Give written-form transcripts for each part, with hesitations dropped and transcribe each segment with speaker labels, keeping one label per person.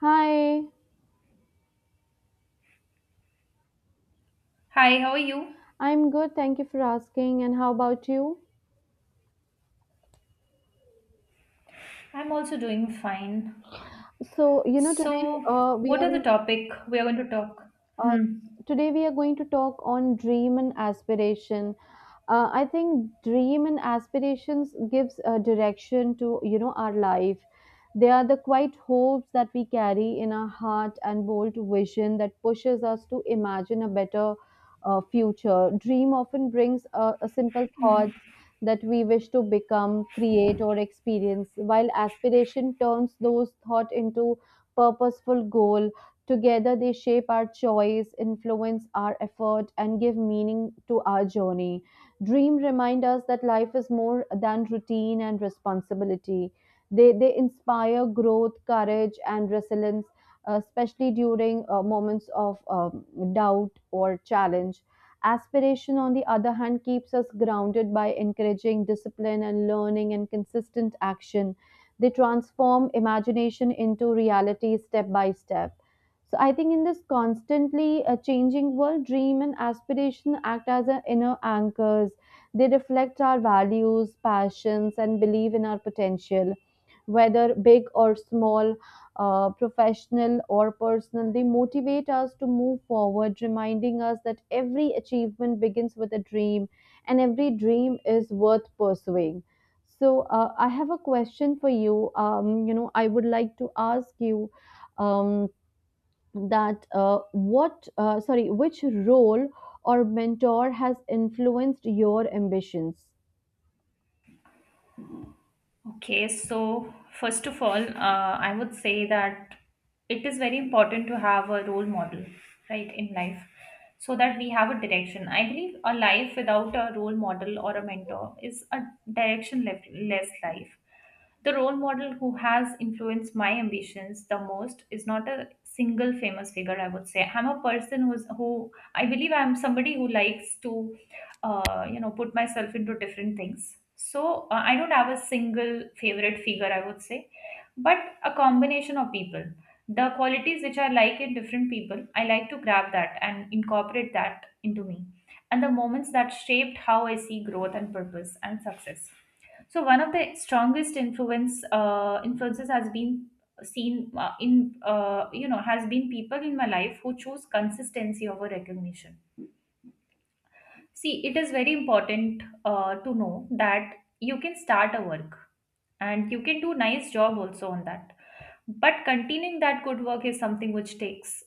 Speaker 1: Hi,
Speaker 2: Hi, how are you?
Speaker 1: I'm good. Thank you for asking. And how about you?
Speaker 2: I'm also doing fine.
Speaker 1: Today
Speaker 2: So,
Speaker 1: we
Speaker 2: what are the
Speaker 1: are
Speaker 2: topic we are going to talk?
Speaker 1: Uh,
Speaker 2: Hmm.
Speaker 1: today we are going to talk on dream and aspiration. I think dream and aspirations gives a direction to our life. They are the quiet hopes that we carry in our heart and bold vision that pushes us to imagine a better future. Dream often brings a simple thoughts
Speaker 2: Mhm.
Speaker 1: that we wish to become, create, or experience, while aspiration turns those thoughts into purposeful goal. Together, they shape our choice, influence our effort, and give meaning to our journey. Dream remind us that life is more than routine and responsibility. They inspire growth, courage, and resilience, especially during moments of doubt or challenge. Aspiration, on the other hand, keeps us grounded by encouraging discipline and learning and consistent action. They transform imagination into reality step by step. So I think in this constantly changing world, dream and aspiration act as our inner anchors. They reflect our values, passions, and belief in our potential. Whether big or small, professional or personal, they motivate us to move forward, reminding us that every achievement begins with a dream and every dream is worth pursuing. So, I have a question for you. I would like to ask you. Um, that what sorry Which role or mentor has influenced your ambitions?
Speaker 2: Okay, so first of all, I would say that it is very important to have a role model, right, in life, so that we have a direction. I believe a life without a role model or a mentor is a directionless life. The role model who has influenced my ambitions the most is not a single famous figure, I would say. I'm a person who I believe I'm somebody who likes to put myself into different things, so I don't have a single favorite figure, I would say, but a combination of people. The qualities which I like in different people, I like to grab that and incorporate that into me, and the moments that shaped how I see growth and purpose and success. So one of the strongest influences has been seen in you know has been people in my life who choose consistency over recognition. See, it is very important to know that you can start a work and you can do nice job also on that. But continuing that good work is something which takes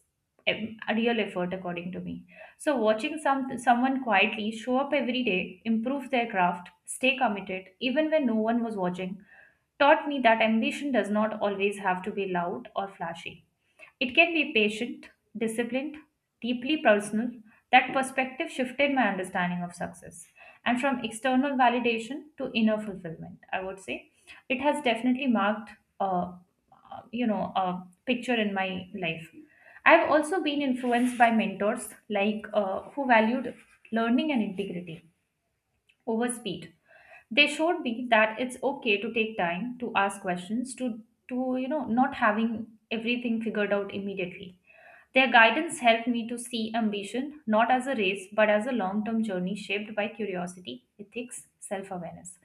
Speaker 2: a real effort, according to me. So watching someone quietly show up every day, improve their craft, stay committed even when no one was watching, taught me that ambition does not always have to be loud or flashy. It can be patient, disciplined, deeply personal. That perspective shifted my understanding of success and from external validation to inner fulfillment, I would say. It has definitely marked uh, a picture in my life. I've also been influenced by mentors like, who valued learning and integrity over speed. They showed me that it's okay to take time to ask questions, to not having everything figured out immediately. Their guidance helped me to see ambition not as a race but as a long term journey shaped by curiosity, ethics, self awareness.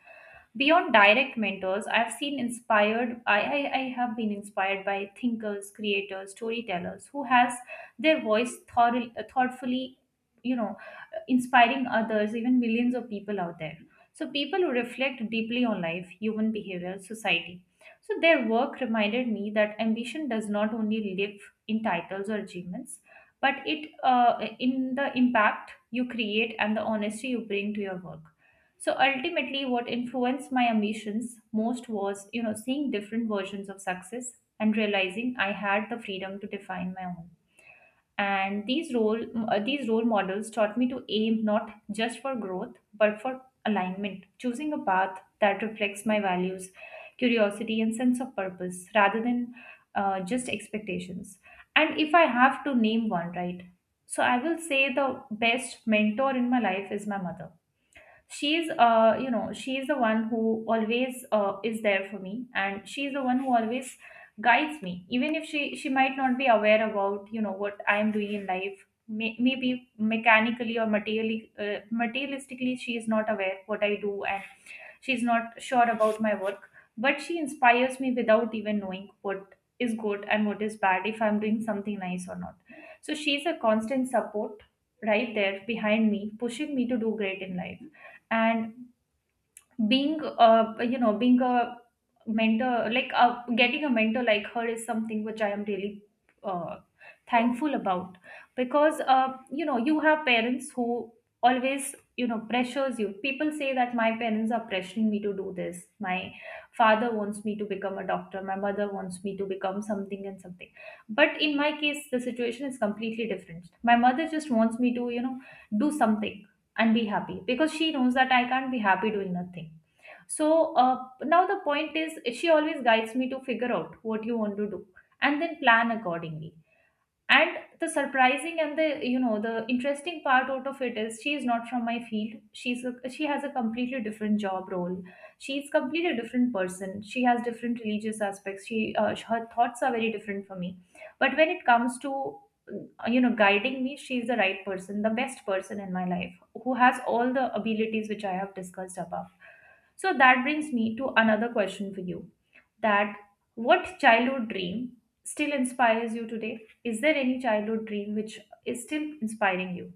Speaker 2: Beyond direct mentors, I've seen inspired, I have been inspired by thinkers, creators, storytellers who has their voice thorough, thoughtfully, you know, inspiring others, even millions of people out there. So, people who reflect deeply on life, human behavior, society. So, their work reminded me that ambition does not only live in titles or achievements, but it, in the impact you create and the honesty you bring to your work. So ultimately, what influenced my ambitions most was, you know, seeing different versions of success and realizing I had the freedom to define my own. And these role models taught me to aim not just for growth but for alignment, choosing a path that reflects my values, curiosity and sense of purpose, rather than just expectations. And if I have to name one, right, so I will say the best mentor in my life is my mother. She's uh you know she's the one who always is there for me, and she's the one who always guides me, even if she might not be aware about, you know, what I'm doing in life. Maybe mechanically or materially materialistically she is not aware what I do, and she's not sure about my work, but she inspires me without even knowing what is good and what is bad, if I'm doing something nice or not. So she's a constant support right there behind me, pushing me to do great in life. And being you know being a mentor like getting a mentor like her is something which I am really uh, thankful about, because, you know, you have parents who always, you know, pressures you. People say that my parents are pressuring me to do this. My father wants me to become a doctor, my mother wants me to become something and something. But in my case the situation is completely different. My mother just wants me to, you know, do something and be happy, because she knows that I can't be happy doing nothing. So now the point is, she always guides me to figure out what you want to do and then plan accordingly. And the surprising and the, you know, the interesting part out of it is, she is not from my field. She has a completely different job role, she's completely different person, she has different religious aspects. She Her thoughts are very different from me, but when it comes to guiding me, she's the right person, the best person in my life, who has all the abilities which I have discussed above. So that brings me to another question for you, that what childhood dream still inspires you today? Is there any childhood dream which is still inspiring you?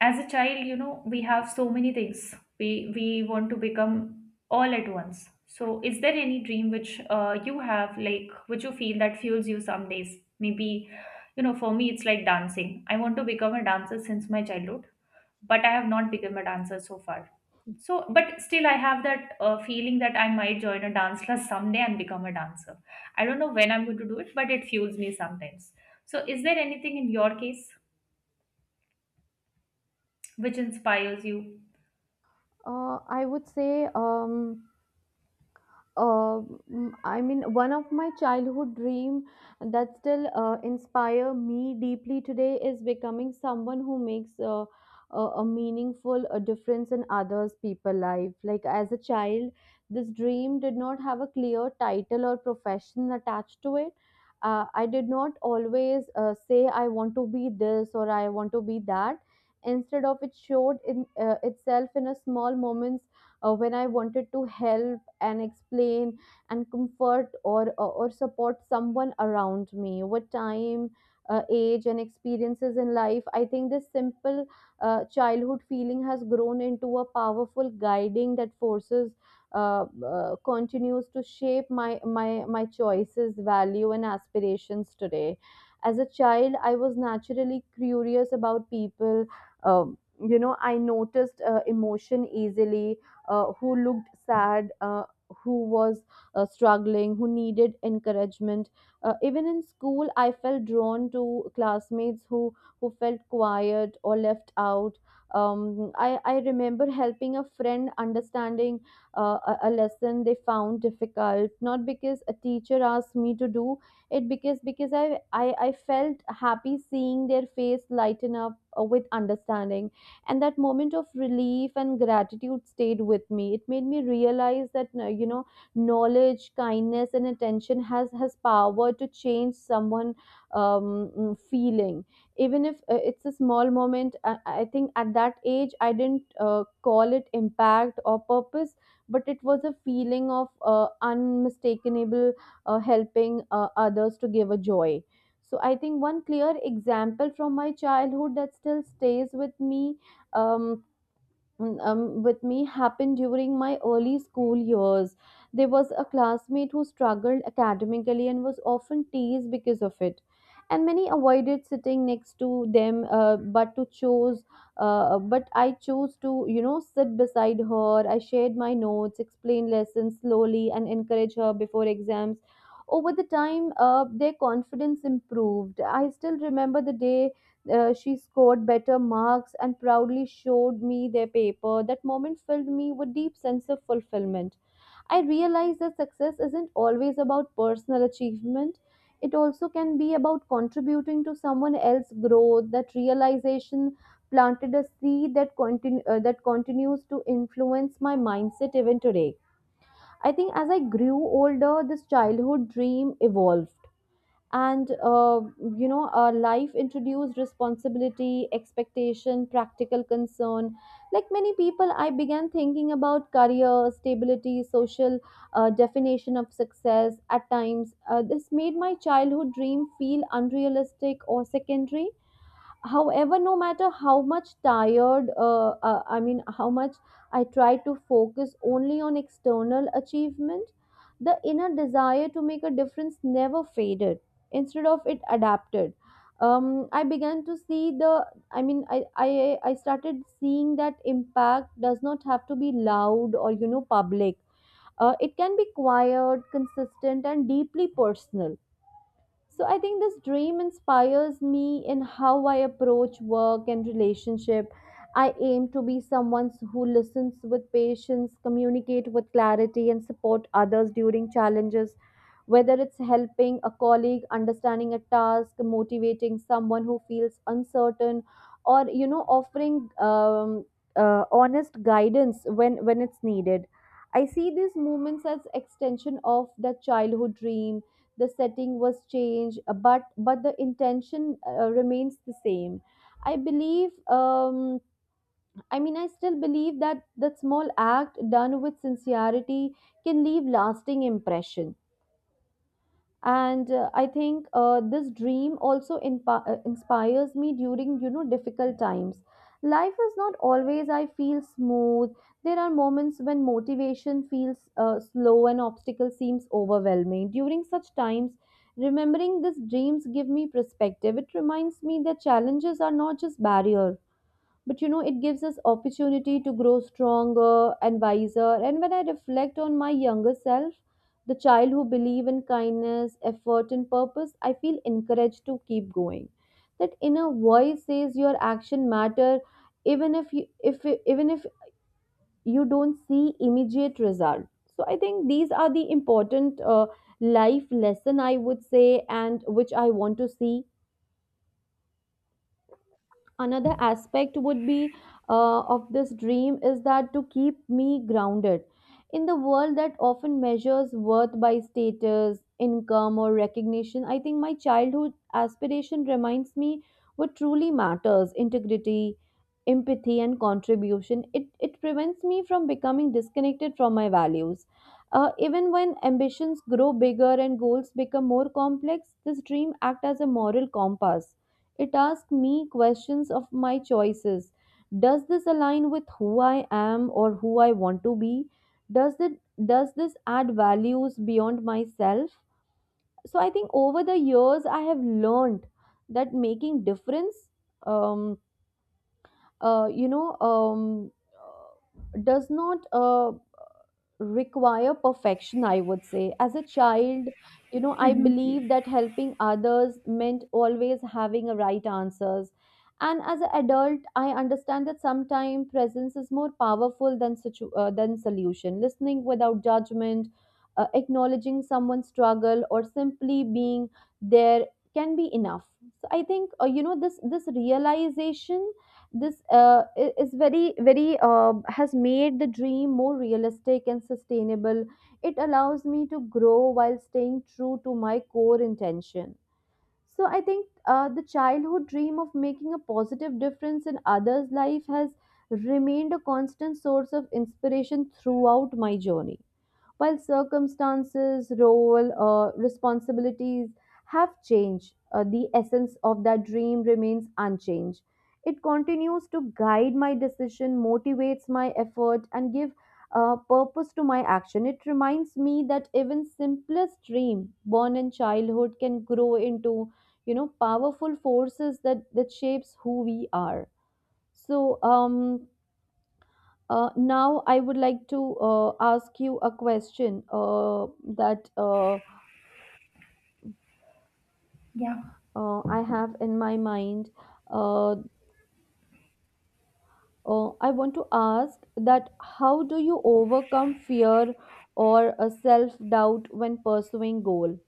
Speaker 2: As a child, you know, we have so many things we want to become all at once. So is there any dream which you have, like, which you feel that fuels you some days? Maybe, you know, for me it's like dancing. I want to become a dancer since my childhood, but I have not become a dancer so far. So, but still I have that feeling that I might join a dance class someday and become a dancer. I don't know when I'm going to do it, but it fuels me sometimes. So is there anything in your case which inspires you?
Speaker 1: I would say uh, I mean, one of my childhood dream that still inspire me deeply today is becoming someone who makes a meaningful difference in others' people life. Like as a child, this dream did not have a clear title or profession attached to it. I did not always say I want to be this or I want to be that. Instead of it showed in itself in a small moments when I wanted to help and explain and comfort or support someone around me. Over time, age and experiences in life, I think this simple childhood feeling has grown into a powerful guiding that forces continues to shape my choices, value, and aspirations today. As a child I was naturally curious about people. I noticed emotion easily, who looked sad, who was struggling, who needed encouragement. Even in school, I felt drawn to classmates who felt quiet or left out. I remember helping a friend understanding a lesson they found difficult, not because a teacher asked me to do it, because I felt happy seeing their face lighten up with understanding. And that moment of relief and gratitude stayed with me. It made me realize that, knowledge, kindness, and attention has power to change someone feeling, even if it's a small moment. I think at that age I didn't call it impact or purpose, but it was a feeling of unmistakable helping others to give a joy. So I think one clear example from my childhood that still stays um, with me happened during my early school years. There was a classmate who struggled academically and was often teased because of it. And many avoided sitting next to them, but I chose to, sit beside her. I shared my notes, explained lessons slowly, and encouraged her before exams. Over the time, their confidence improved. I still remember the day she scored better marks and proudly showed me their paper. That moment filled me with deep sense of fulfillment. I realized that success isn't always about personal achievement. It also can be about contributing to someone else's growth. That realization planted a seed that continues to influence my mindset even today. I think as I grew older, this childhood dream evolved, and life introduced responsibility, expectation, practical concern. Like many people, I began thinking about career, stability, social definition of success. At times this made my childhood dream feel unrealistic or secondary. However, no matter how much tired I mean how much I try to focus only on external achievement, the inner desire to make a difference never faded. Instead of it adapted. Um, I began to see the I mean I started seeing that impact does not have to be loud or, public. It can be quiet, consistent, and deeply personal. So I think this dream inspires me in how I approach work and relationship. I aim to be someone who listens with patience, communicate with clarity, and support others during challenges. Whether it's helping a colleague understanding a task, motivating someone who feels uncertain, or, offering honest guidance when it's needed. I see these moments as extension of the childhood dream. The setting was changed, but the intention remains the same. I believe, um, I still believe that small act done with sincerity can leave lasting impression. And I think this dream also inspires me during, difficult times. Life is not always, I feel, smooth. There are moments when motivation feels slow and obstacle seems overwhelming. During such times, remembering these dreams give me perspective. It reminds me that challenges are not just barriers, but, it gives us opportunity to grow stronger and wiser. And when I reflect on my younger self, the child who believe in kindness, effort, and purpose, I feel encouraged to keep going. That inner voice says your action matter, even if you if even if you don't see immediate result. So I think these are the important life lesson, I would say, and which I want to see. Another aspect would be of this dream is that to keep me grounded in the world that often measures worth by status, income, or recognition. I think my childhood aspiration reminds me what truly matters: integrity, empathy, and contribution. It prevents me from becoming disconnected from my values. Even when ambitions grow bigger and goals become more complex, this dream acts as a moral compass. It asks me questions of my choices. Does this align with who I am or who I want to be? Does it does this add values beyond myself? So I think over the years I have learned that making difference um, uh, you know um, does not require perfection. I would say as a child, I
Speaker 2: Mhm.
Speaker 1: believe that helping others meant always having a right answers, and as an adult I understand that sometimes presence is more powerful than solution. Listening without judgment, acknowledging someone's struggle, or simply being there can be enough. So I think, this realization, is very very has made the dream more realistic and sustainable. It allows me to grow while staying true to my core intention. So I think the childhood dream of making a positive difference in others life has remained a constant source of inspiration throughout my journey. While circumstances, role, responsibilities have changed, the essence of that dream remains unchanged. It continues to guide my decision, motivates my effort, and give purpose to my action. It reminds me that even simplest dream born in childhood can grow into, powerful forces that shapes who we are. So, now, I would like to ask you a question, that
Speaker 2: Yeah.
Speaker 1: I have in my mind. Uh, I want to ask that how do you overcome fear or self-doubt when pursuing goal?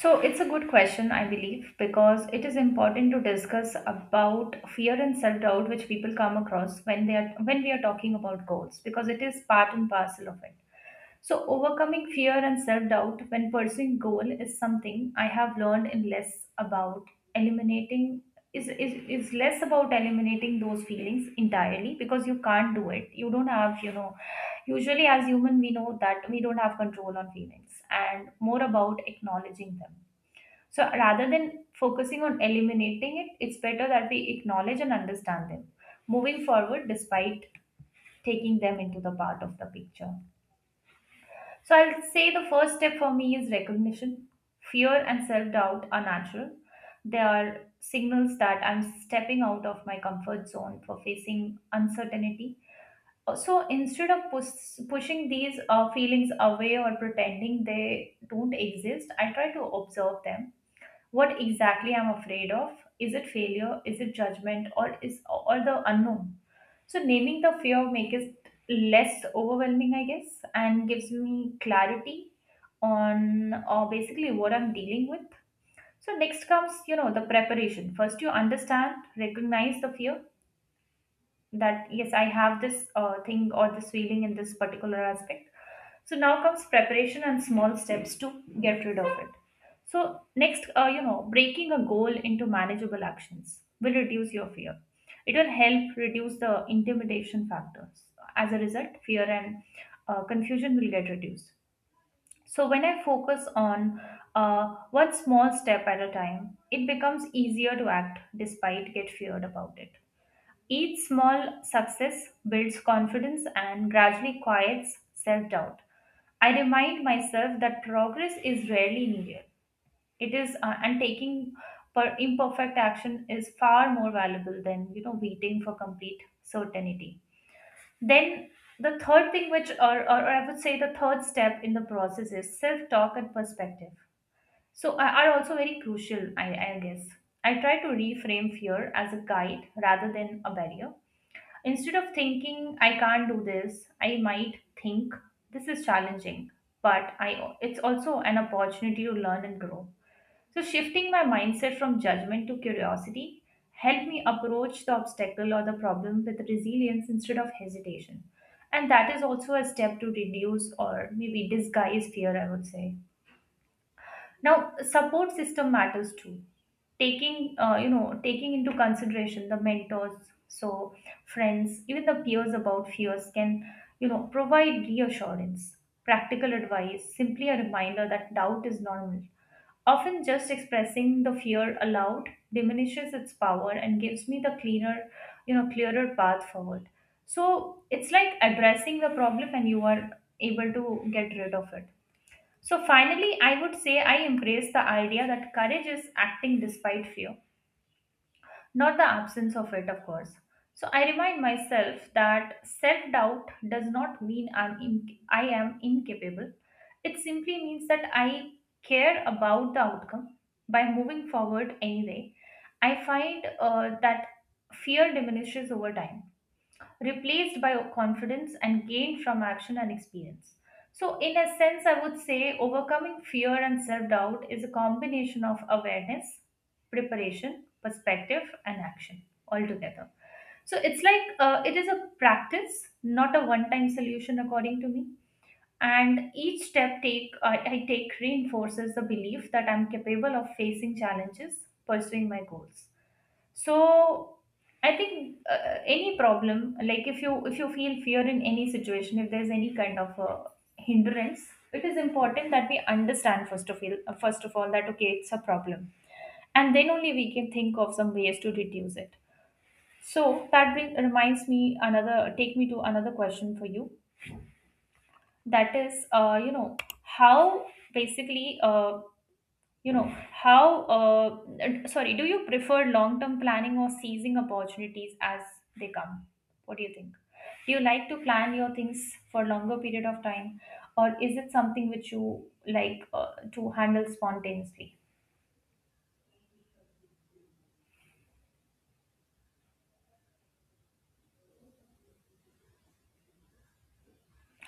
Speaker 2: So it's a good question, I believe, because it is important to discuss about fear and self-doubt which people come across when they are when we are talking about goals, because it is part and parcel of it. So, overcoming fear and self doubt when pursuing goal is something I have learned in, less about eliminating. Is less about eliminating those feelings entirely, because you can't do it. You don't have, you know. Usually, as human, we know that we don't have control on feelings, and more about acknowledging them. So, rather than focusing on eliminating it, it's better that we acknowledge and understand them, moving forward despite, taking them into the part of the picture. So I'll say the first step for me is recognition. Fear and self doubt are natural. They are signals that I'm stepping out of my comfort zone for facing uncertainty. So instead of pushing these feelings away or pretending they don't exist, I try to observe them, what exactly I'm afraid of. Is it failure? Is it judgment? Or is, or the unknown? So naming the fear makes it less overwhelming, I guess, and gives me clarity on, basically what I'm dealing with. So next comes, you know, the preparation. First, you understand, recognize the fear, that yes, I have this thing or this feeling in this particular aspect. So now comes preparation and small steps to get rid of it. So next, you know, breaking a goal into manageable actions will reduce your fear. It will help reduce the intimidation factors. As a result, fear and confusion will get reduced. So when I focus on one small step at a time, it becomes easier to act despite get feared about it. Each small success builds confidence and gradually quiets self doubt. I remind myself that progress is rarely linear. It is, and taking per imperfect action is far more valuable than, you know, waiting for complete certainty. Then the third thing, which or I would say the third step in the process is self-talk and perspective. So are also very crucial, I guess. I try to reframe fear as a guide rather than a barrier. Instead of thinking, I can't do this, I might think, this is challenging, but it's also an opportunity to learn and grow. So, shifting my mindset from judgment to curiosity helped me approach the obstacle or the problem with resilience instead of hesitation. And that is also a step to reduce or maybe disguise fear, I would say. Now support system matters too. Taking, you know, taking into consideration the mentors, so friends, even the peers, about fears can, you know, provide reassurance, practical advice, simply a reminder that doubt is normal. Often just expressing the fear aloud diminishes its power and gives me the cleaner, you know, clearer path forward. So it's like addressing the problem and you are able to get rid of it. So finally, I would say I embrace the idea that courage is acting despite fear, not the absence of it, of course. So I remind myself that self-doubt does not mean I am incapable. It simply means that I care about the outcome. By moving forward anyway, I find that fear diminishes over time, replaced by confidence and gained from action and experience. So, in a sense, I would say overcoming fear and self doubt is a combination of awareness, preparation, perspective, and action altogether. So, it's like it is a practice, not a one time solution, according to me. And each step I take reinforces the belief that I'm capable of facing challenges, pursuing my goals. So I think any problem, like if you feel fear in any situation, if there's any kind of hindrance it is important that we understand first of all that okay, it's a problem, and then only we can think of some ways to reduce it. So that reminds me another take me to another question for you. That is how, basically you know, how, sorry, do you prefer long term planning or seizing opportunities as they come? What do you think? Do you like to plan your things for longer period of time, or is it something which you like to handle spontaneously?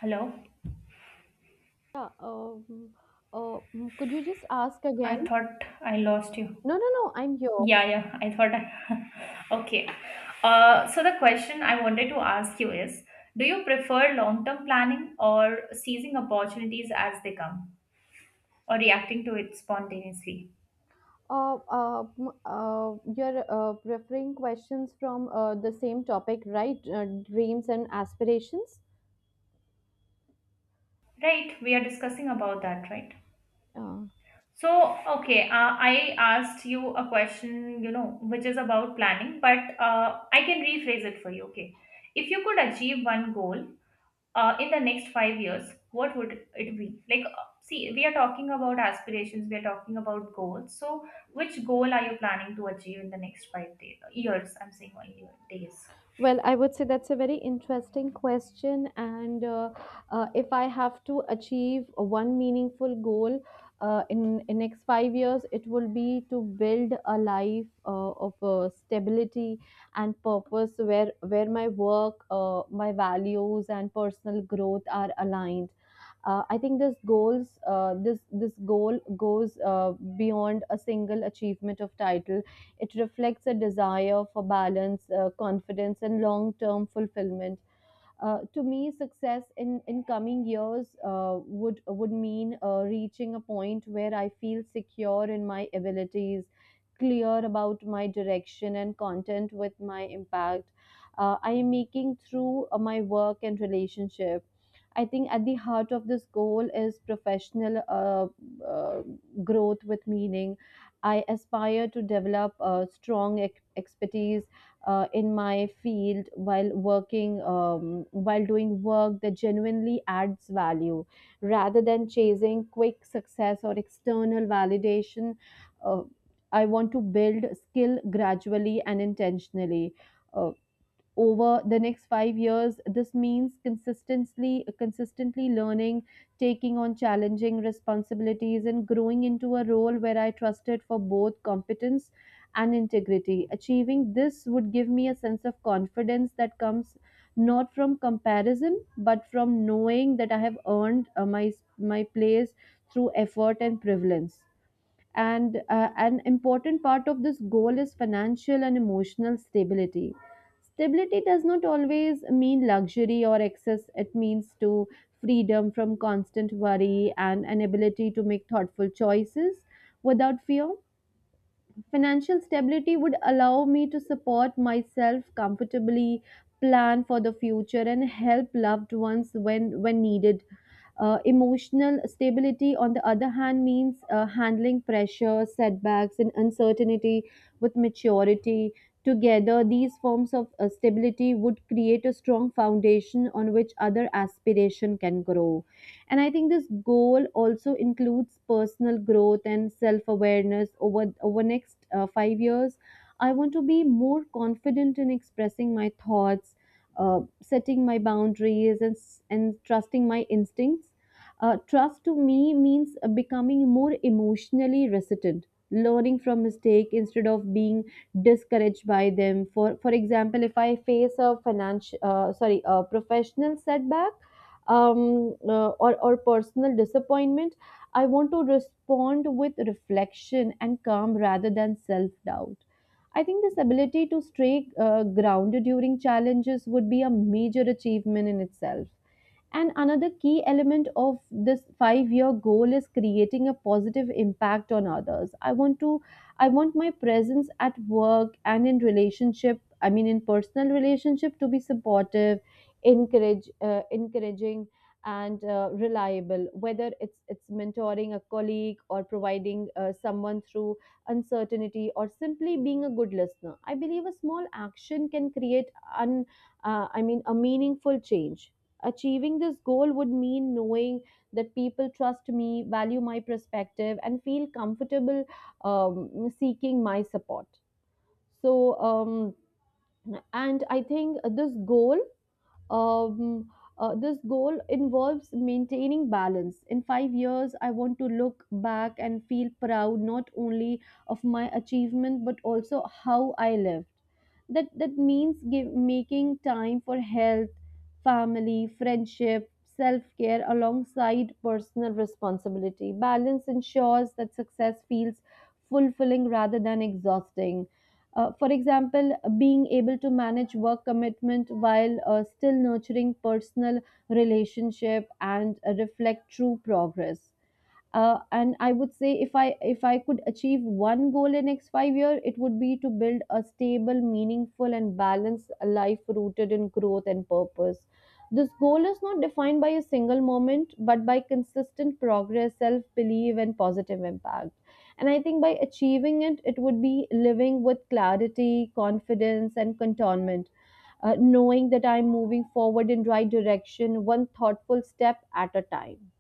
Speaker 2: Hello,
Speaker 1: Yeah, mm, could you just ask again?
Speaker 2: I thought I lost you.
Speaker 1: No, no, no, I'm here.
Speaker 2: Yeah, yeah, I thought I. Okay. So the question I wanted to ask you is, do you prefer long-term planning or seizing opportunities as they come? Or reacting to it spontaneously?
Speaker 1: You're referring questions from the same topic, right? Dreams and aspirations.
Speaker 2: Right, we are discussing about that, right?
Speaker 1: Uh,
Speaker 2: So okay, I asked you a question, you know, which is about planning, but I can rephrase it for you. Okay, if you could achieve one goal in the next 5 years, what would it be? Like see, we are talking about aspirations, we are talking about goals. So which goal are you planning to achieve in the next years? I'm saying only year, days.
Speaker 1: Well, I would say that's a very interesting question. And if I have to achieve one meaningful goal in next 5 years, it will be to build a life of stability and purpose, where my work, my values, and personal growth are aligned. I think this goal goes beyond a single achievement of title. It reflects a desire for balance, confidence, and long term fulfillment. To me, success in coming years would mean reaching a point where I feel secure in my abilities, clear about my direction, and content with my impact I am making through my work and relationship. I think at the heart of this goal is professional growth with meaning. I aspire to develop strong expertise in my field while working while doing work that genuinely adds value rather than chasing quick success or external validation uh, I want to build skill gradually and intentionally. Uh, Over the next 5 years, this means consistently learning, taking on challenging responsibilities, and growing into a role where I trusted for both competence and integrity. Achieving this would give me a sense of confidence that comes not from comparison but from knowing that I have earned my place through effort and prevalence. And an important part of this goal is financial and emotional stability. Stability does not always mean luxury or excess. It means to freedom from constant worry and an ability to make thoughtful choices without fear. Financial stability would allow me to support myself comfortably, plan for the future, and help loved ones when needed. Emotional stability, on the other hand, means handling pressure, setbacks, and uncertainty with maturity. Together, these forms of stability would create a strong foundation on which other aspiration can grow. And I think this goal also includes personal growth and self awareness over next 5 years. I want to be more confident in expressing my thoughts, setting my boundaries, and and trusting my instincts. Trust to me means becoming more emotionally resilient, learning from mistake instead of being discouraged by them. For example, if I face a financial, sorry, a professional setback, or personal disappointment, I want to respond with reflection and calm rather than self doubt. I think this ability to stay grounded during challenges would be a major achievement in itself. And another key element of this 5 year goal is creating a positive impact on others. I want my presence at work and in relationship, I mean, in personal relationship to be supportive, encouraging and reliable, whether it's mentoring a colleague or providing someone through uncertainty or simply being a good listener. I believe a small action can create un, I mean a meaningful change. Achieving this goal would mean knowing that people trust me, value my perspective, and feel comfortable seeking my support. So, um, and I think this goal, um, this goal involves maintaining balance. In 5 years, I want to look back and feel proud not only of my achievement but also how I lived. That means making time for health, family, friendship, self care alongside personal responsibility. Balance ensures that success feels fulfilling rather than exhausting. For example, being able to manage work commitment while still nurturing personal relationship and reflect true progress. And I would say, if I could achieve one goal in next 5 year, it would be to build a stable, meaningful, and balanced life rooted in growth and purpose. This goal is not defined by a single moment but by consistent progress, self belief, and positive impact. And I think by achieving it, it would be living with clarity, confidence, and contentment, knowing that I'm moving forward in right direction, one thoughtful step at a time.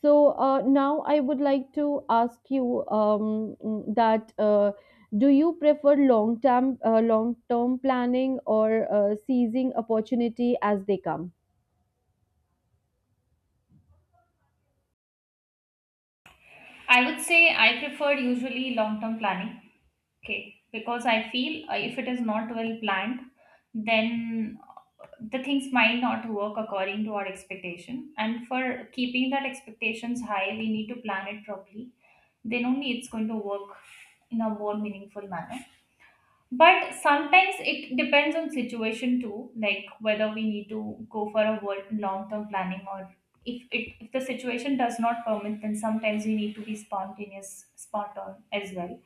Speaker 1: So, now I would like to ask you, mm, that do you prefer long term, long term planning or seizing opportunity as they come?
Speaker 2: I would say I prefer usually long term planning. Okay, because I feel if it is not well planned, then the things might not work according to our expectation. And for keeping that expectations high, we need to plan it properly. Then only it's going to work in a more meaningful manner. But sometimes it depends on situation too, like whether we need to go for a world long term planning, or if it if the situation does not permit, then sometimes we need to be spontaneous, spot on as well.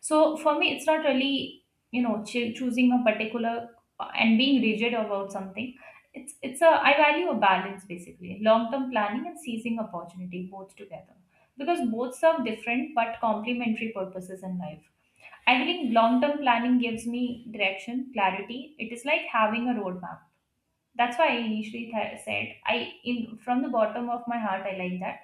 Speaker 2: So for me, it's not really, you know, choosing a particular and being rigid about something. It's a, I value a balance basically, long term planning and seizing opportunity both together, because both serve different but complementary purposes in life. I think long term planning gives me direction, clarity. It is like having a roadmap, that's why I initially said I, in from the bottom of my heart I like that,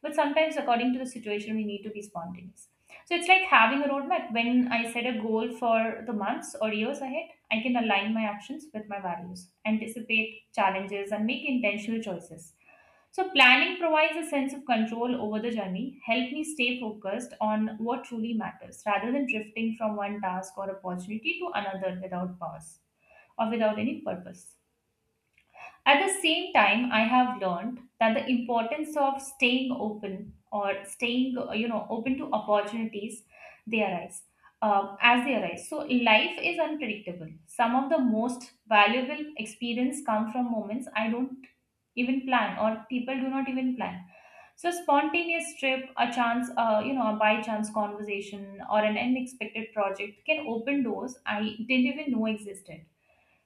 Speaker 2: but sometimes according to the situation we need to be spontaneous. So it's like having a roadmap. When I set a goal for the months or years ahead, I can align my actions with my values, anticipate challenges, and make intentional choices. So planning provides a sense of control over the journey, help me stay focused on what truly matters rather than drifting from one task or opportunity to another without pause or without any purpose. At the same time, I have learned that the importance of staying open, or staying, open to opportunities they arise as they arise. So life is unpredictable. Some of the most valuable experience come from moments I don't even plan or people do not even plan. So spontaneous trip, a chance, a by chance conversation or an unexpected project can open doors I didn't even know existed.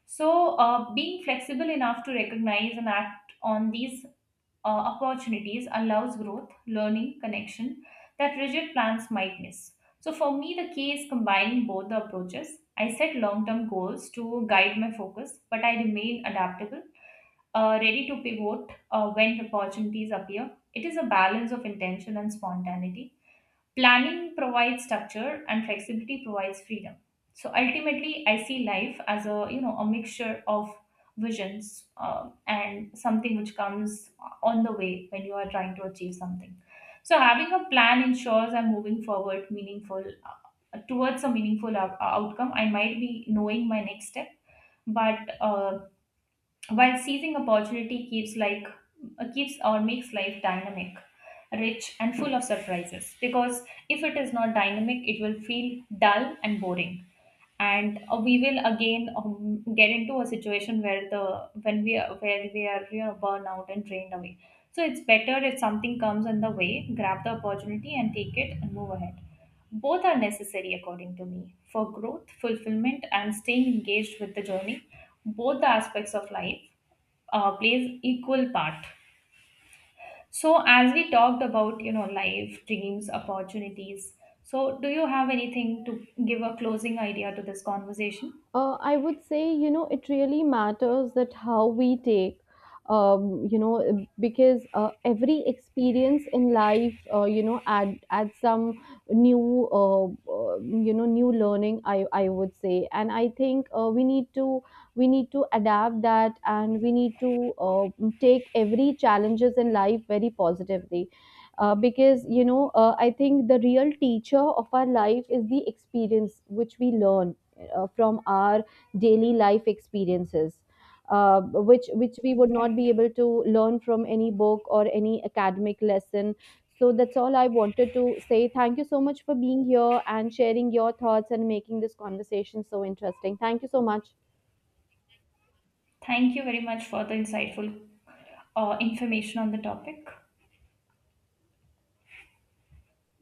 Speaker 2: So, being flexible enough to recognize and act on these opportunities allows growth, learning, connection that rigid plans might miss. So, for me, the key is combining both the approaches. I set long term goals to guide my focus, but I remain adaptable, ready to pivot when opportunities appear. It is a balance of intention and spontaneity. Planning provides structure and flexibility provides freedom. So ultimately, I see life as a, you know, a mixture of visions and something which comes on the way when you are trying to achieve something. So having a plan ensures I'm moving forward meaningful towards a meaningful outcome. I might be knowing my next step, but while seizing opportunity keeps like, keeps or makes life dynamic, rich and full of surprises, because if it is not dynamic it will feel dull and boring. And we will again get into a situation where the when we are where we are, you know, burnout and drained away. So it's better if something comes in the way, grab the opportunity and take it and move ahead. Both are necessary, according to me, for growth, fulfillment, and staying engaged with the journey. Both the aspects of life plays equal part. So, as we talked about, you know, life, dreams, opportunities. So, do you have anything to give a closing idea to this conversation?
Speaker 1: I would say, you know, it really matters that how we take, um, you know, uh, because every experience in life, add some new, uh, new learning, I would say. And I think we need to adapt that, and we need to take every challenges in life very positively. Because you know, I think the real teacher of our life is the experience which we learn from our daily life experiences, uh, which we would not
Speaker 2: Right.
Speaker 1: be able to learn from any book or any academic lesson. So that's all I wanted to say. Thank you so much for being here and sharing your thoughts and making this conversation so interesting. Thank you so much.
Speaker 2: Thank you very much for the insightful information on the topic.